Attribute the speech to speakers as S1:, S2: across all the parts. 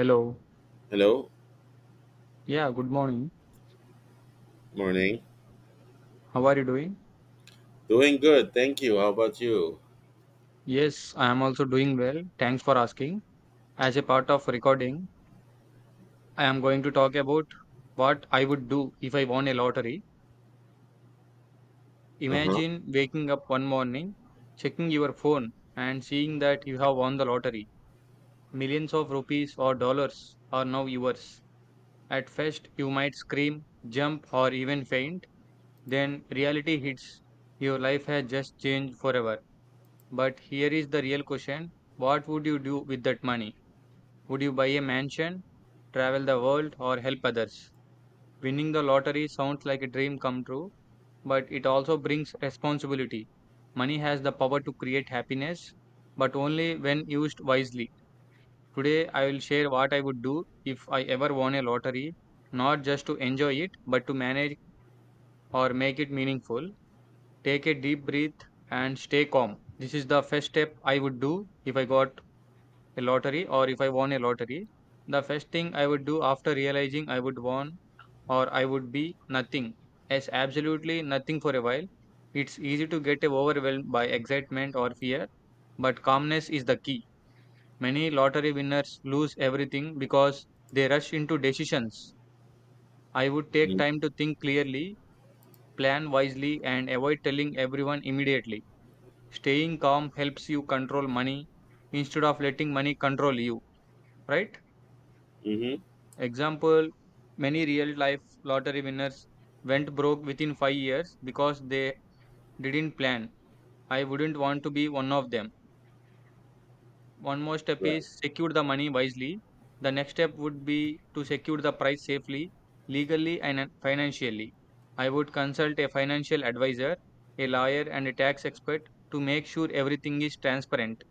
S1: Hello.
S2: Hello,
S1: Yeah, good morning.
S2: morning.
S1: How are you doing?
S2: Doing good, thank you. How about you?
S1: Yes, I am also doing well. Thanks for asking. As a part of recording, I am going to talk about what I would do if I won a lottery.
S2: Uh huh.
S1: Imagine waking up one morning, checking your phone, and seeing that you have won the lottery. Millions of rupees or dollars are now yours. At first, you might scream, jump, or even faint. Then reality hits. Your life has just changed forever. But here is the real question. What would you do with that money? Would you buy a mansion, travel the world, or help others? Winning the lottery sounds like a dream come true, but it also brings responsibility. Money has the power to create happiness, but only when used wisely. Today, I will share what I would do if I ever won a lottery, not just to enjoy it, but to manage or make it meaningful. Take a deep breath and stay calm. This is the first step I would do if I got a lottery or if I won a lottery. The first thing I would do after realizing I would won or I would be nothing, as absolutely nothing for a while. It's easy to get overwhelmed by excitement or fear, but calmness is the key. Many lottery winners lose everything because they rush into decisions. I would take
S2: Mm-hmm.
S1: time to think clearly, plan wisely, and avoid telling everyone immediately. Staying calm helps you control money instead of letting money control you, right?
S2: Hmm.
S1: Example, many real life lottery winners went broke within 5 years because they didn't plan. I wouldn't want to be one of them. One more step is
S2: Right.
S1: secure the money wisely. The next step would be to secure the price safely, legally, and financially. I would consult a financial advisor, a lawyer, and a tax expert to make sure everything is transparent.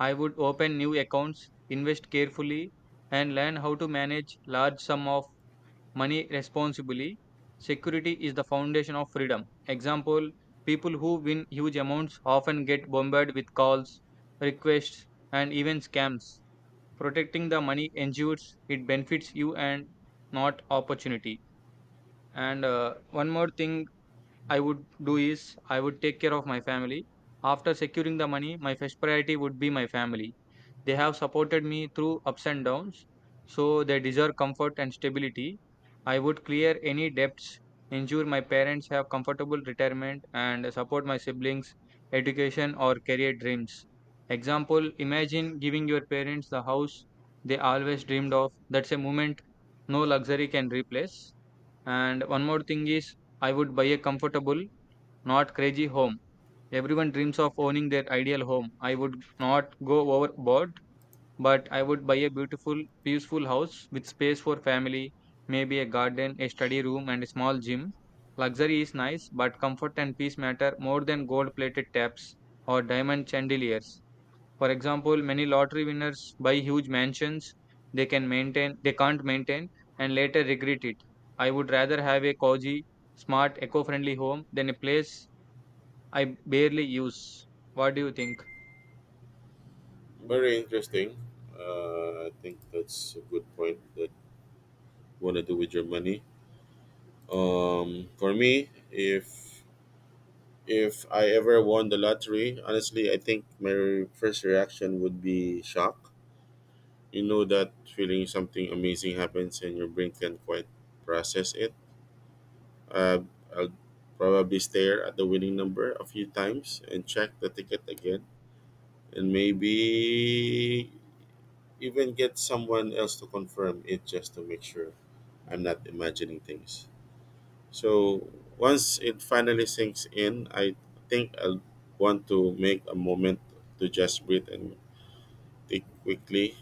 S1: I would open new accounts, invest carefully, and learn how to manage large sum of money responsibly. Security is the foundation of freedom. Example, people who win huge amounts often get bombarded with calls, requests, and even scams. Protecting the money ensures it benefits you and not opportunity. And one more thing I would do is I would take care of my family. After securing the money, my first priority would be my family. They have supported me through ups and downs, so they deserve comfort and stability. I would clear any debts, ensure my parents have comfortable retirement, and support my siblings' education or career dreams. Example, imagine giving your parents the house they always dreamed of. That's a moment no luxury can replace. And one more thing is, I would buy a comfortable, not crazy home. Everyone dreams of owning their ideal home. I would not go overboard, but I would buy a beautiful, peaceful house with space for family, maybe a garden, a study room, and a small gym. Luxury is nice, but comfort and peace matter more than gold plated taps or diamond chandeliers. For example, many lottery winners buy huge mansions they can't maintain and later regret it. I would rather have a cozy, smart, eco-friendly home than a place I barely use. What do you think?
S2: Very interesting. I think that's a good point that you want to do with your money. For me, if I ever won the lottery, honestly, I think my first reaction would be shock. You know that feeling something amazing happens and your brain can't quite process it. I'll probably stare at the winning number a few times and check the ticket again and maybe even get someone else to confirm it just to make sure I'm not imagining things. So once it finally sinks in, I think I'll want to make a moment to just breathe and think quickly,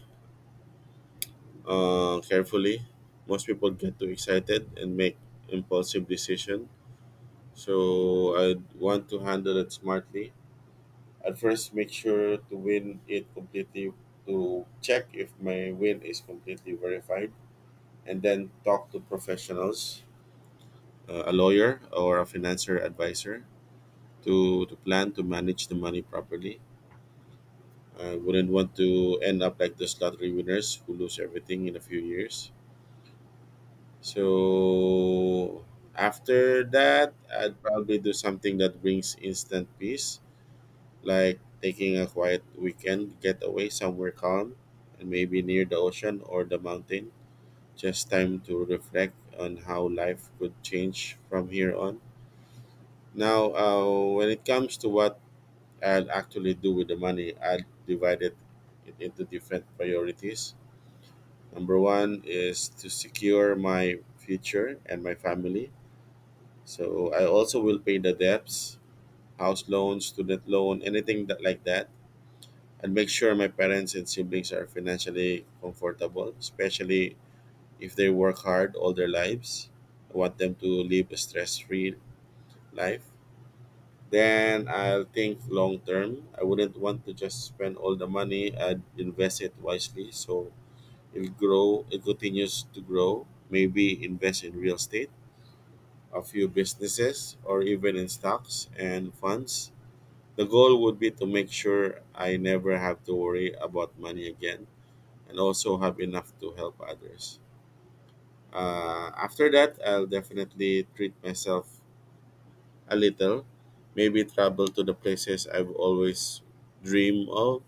S2: carefully. Most people get too excited and make impulsive decision. So I want to handle it smartly. At first make sure to win it completely, to check if my win is completely verified, and then talk to professionals, a lawyer or a financier advisor to plan to manage the money properly. I wouldn't want to end up like those lottery winners who lose everything in a few years. So after that, I'd probably do something that brings instant peace like taking a quiet weekend getaway somewhere calm and maybe near the ocean or the mountain. Just time to reflect on how life could change from here on. Now, when it comes to what I'll actually do with the money, I'll divide it into different priorities. Number one is to secure my future and my family. So I also will pay the debts, house loans, student loan, anything that like that. I'd make sure my parents and siblings are financially comfortable, especially if they work hard all their lives. I want them to live a stress free life. Then I'll think long term. I wouldn't want to just spend all the money, I'd invest it wisely so it'll grow, it continues to grow. Maybe invest in real estate, a few businesses, or even in stocks and funds. The goal would be to make sure I never have to worry about money again and also have enough to help others. After that, I'll definitely treat myself a little. Maybe travel to the places I've always dreamed of.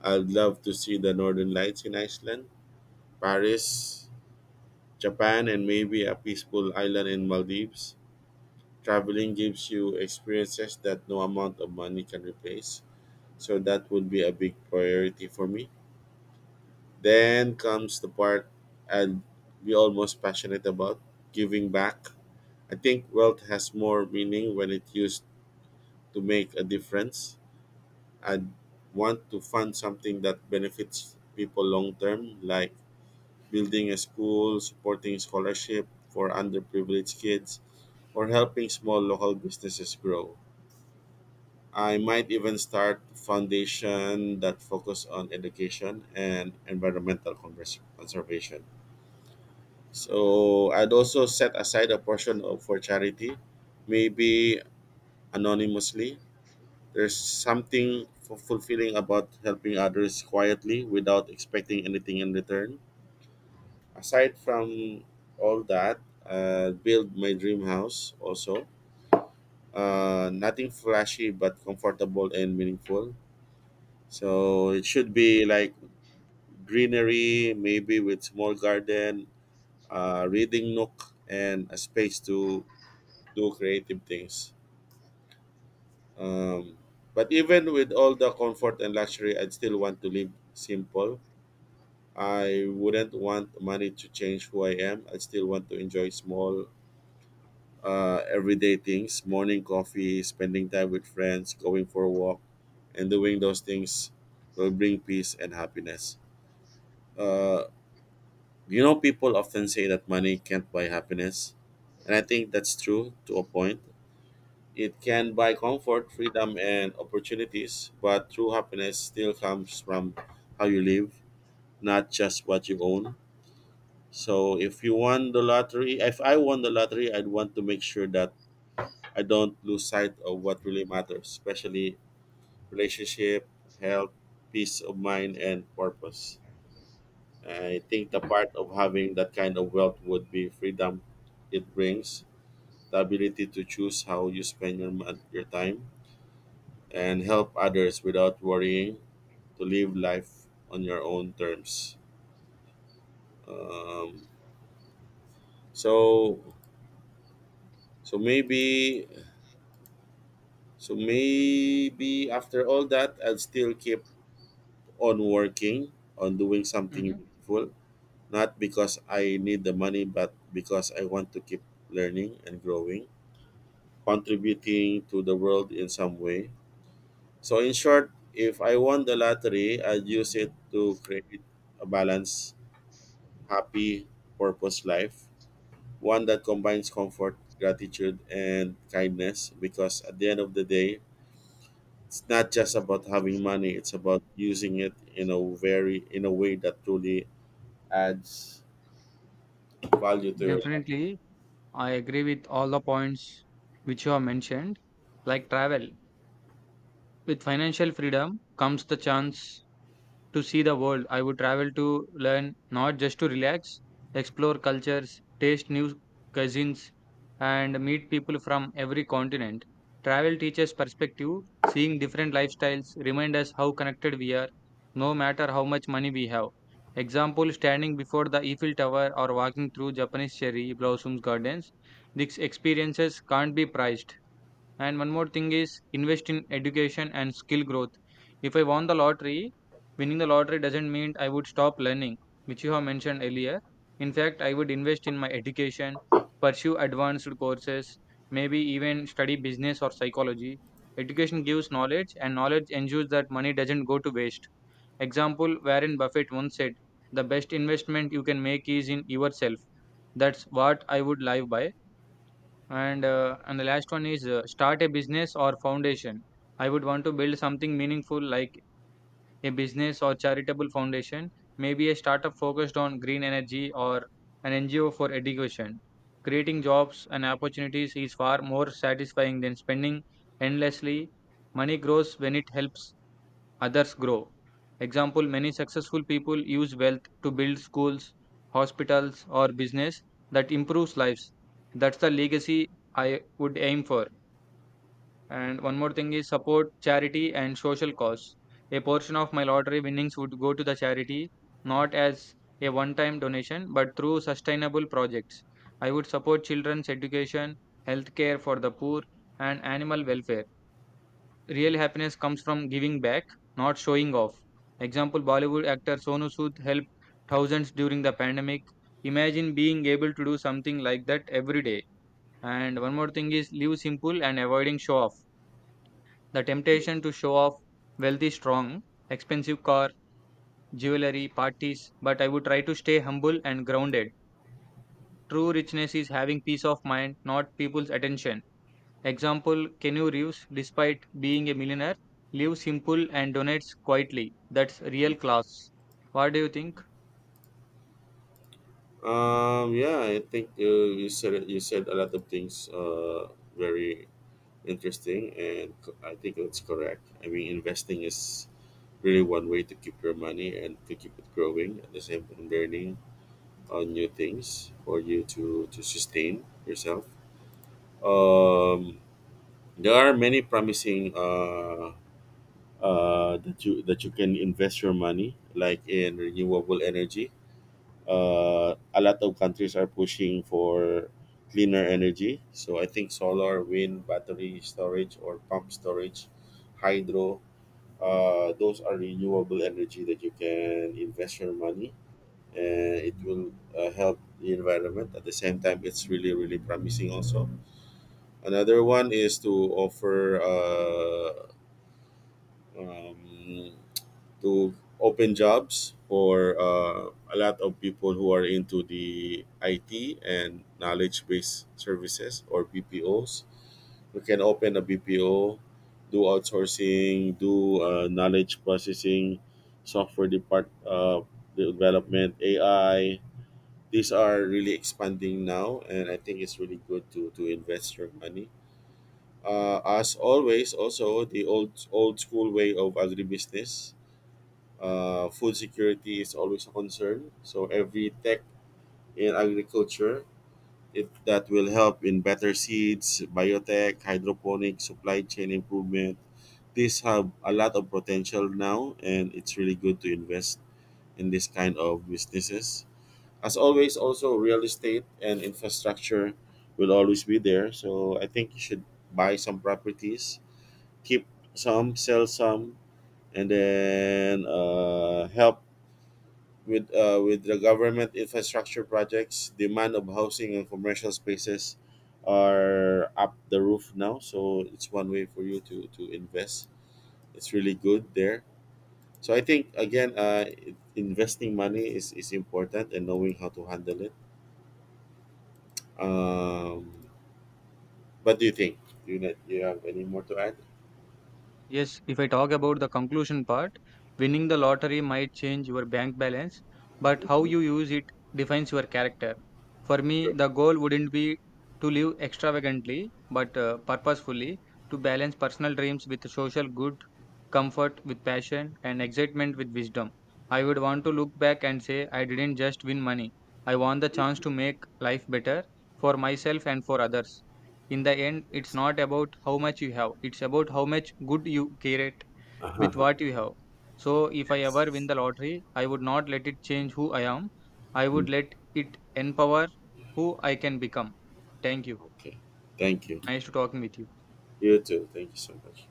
S2: I'd love to see the northern lights in Iceland, Paris, Japan, and maybe a peaceful island in Maldives. Traveling gives you experiences that no amount of money can replace. So that would be a big priority for me. Then comes the part I'd be almost passionate about giving back. I think wealth has more meaning when it's used to make a difference. I want to fund something that benefits people long term, like building a school, supporting scholarship for underprivileged kids, or helping small local businesses grow. I might even start a foundation that focus on education and conservation. So I'd also set aside a portion of, for charity, maybe anonymously. There's something fulfilling about helping others quietly without expecting anything in return. Aside from all that, build my dream house also. Nothing flashy but comfortable and meaningful. So it should be like greenery, maybe with small garden, reading nook, and a space to do creative things. Um, but even with all the comfort and luxury, I'd still want to live simple. I wouldn't want money to change who I am. I still want to enjoy small, everyday things: morning coffee, spending time with friends, going for a walk, and doing those things will bring peace and happiness. Uh, people often say that money can't buy happiness. And I think that's true to a point. It can buy comfort, freedom, and opportunities, but true happiness still comes from how you live, not just what you own. So if you won the lottery, if I won the lottery, I'd want to make sure that I don't lose sight of what really matters, especially relationship, health, peace of mind, and purpose. I think the part of having that kind of wealth would be freedom it brings, the ability to choose how you spend your, your time and help others without worrying, to live life on your own terms. Um, so so maybe so maybe after all that, I'll still keep on working on doing something
S1: Mhm.
S2: meaningful, not because I need the money but because I want to keep learning and growing, contributing to the world in some way. So in short, if I won the lottery, I'd use it to create a balance, happy, purpose life, one that combines comfort, gratitude, and kindness. Because at the end of the day, it's not just about having money; it's about using it in a way that truly adds value to your life.
S1: Definitely, I agree with all the points which you have mentioned. Like travel, with financial freedom comes the chance to see the world. I would travel to learn, not just to relax, explore cultures, taste new cuisines, and meet people from every continent. Travel teaches perspective, seeing different lifestyles, remind us how connected we are, no matter how much money we have. Example, standing before the Eiffel Tower or walking through Japanese cherry blossoms gardens. These experiences can't be priced, and one more thing is invest in education and skill growth. If I won the lottery, winning the lottery doesn't mean I would stop learning, which you have mentioned earlier. In fact, I would invest in my education, pursue advanced courses, maybe even study business or psychology. Education gives knowledge, and knowledge ensures that money doesn't go to waste. Example, Warren Buffett once said, the best investment you can make is in yourself. That's what I would live by, and the last one is start a business or foundation. I would want to build something meaningful like a business or charitable foundation, maybe a startup focused on green energy or an NGO for education. Creating jobs and opportunities is far more satisfying than spending endlessly. Money grows when it helps others grow. Example, many successful people use wealth to build schools, hospitals, or business that improves lives. That's the legacy I would aim for. And one more thing is support charity and social cause. A portion of my lottery winnings would go to the charity, not as a one time donation, but through sustainable projects. I would support children's education, healthcare for the poor, and animal welfare. Real happiness comes from giving back, not showing off. Example, Bollywood actor Sonu Sood helped thousands during the pandemic. Imagine being able to do something like that every day. And one more thing is live simple and avoiding show off. The temptation to show off wealth is strong, expensive car, jewelry, parties, but I would try to stay humble and grounded. True richness is having peace of mind, not people's attention. Example, Keanu Reeves, despite being a millionaire, lives simple and donates quietly. That's real class. What do you think?
S2: Yeah, I think you said a lot of things. Very interesting, and I think that's correct. I mean, investing is really one way to keep your money and to keep it growing at the same time learning on new things for you to sustain yourself. Um, there are many promising that you can invest your money like in renewable energy. A lot of countries are pushing for cleaner energy. So I think solar, wind, battery storage, or pump storage, hydro. Those are renewable energy that you can invest your money and it will help the environment at the same time. It's really really promising also. Another one is to offer um, to open jobs for a lot of people who are into the IT and knowledge based services or BPOs. We can open a BPO, do outsourcing, do knowledge processing, software depart development, AI. These are really expanding now and I think it's really good to invest your money. As always, also the old school way of agribusiness. Food security is always a concern, so every tech in agriculture, that will help in better seeds, biotech, hydroponic, supply chain improvement. These have a lot of potential now and it's really good to invest in this kind of businesses. As always, also real estate and infrastructure will always be there, so I think you should buy some properties, keep some, sell some, and then help with the government infrastructure projects. Demand of housing and commercial spaces are up the roof now, so it's one way for you to invest. It's really good there. So I think again, investing is important and knowing how to handle it. um, What do you think? Do you, not, Do you have any more to add?
S1: Yes, if I talk about the conclusion part, winning the lottery might change your bank balance, but how you
S2: Hmm.
S1: use it defines your character. For me,
S2: True.
S1: the goal wouldn't be to live extravagantly, but purposefully, to balance personal dreams with social good, comfort with passion, and excitement with wisdom. I would want to look back and say, I didn't just win money, I won the chance
S2: Mhm.
S1: to make life better for myself and for others. In the end, it's
S2: Yes.
S1: not about how much you have, it's about how much good you create with
S2: Uh-huh.
S1: what you have. So if I ever win
S2: Yes.
S1: the lottery, I would not let it change who I am. I would
S2: Mm.
S1: let it empower who I can become. Thank you.
S2: Okay. Thank you.
S1: Nice to talking with you.
S2: You too. Thank you so much.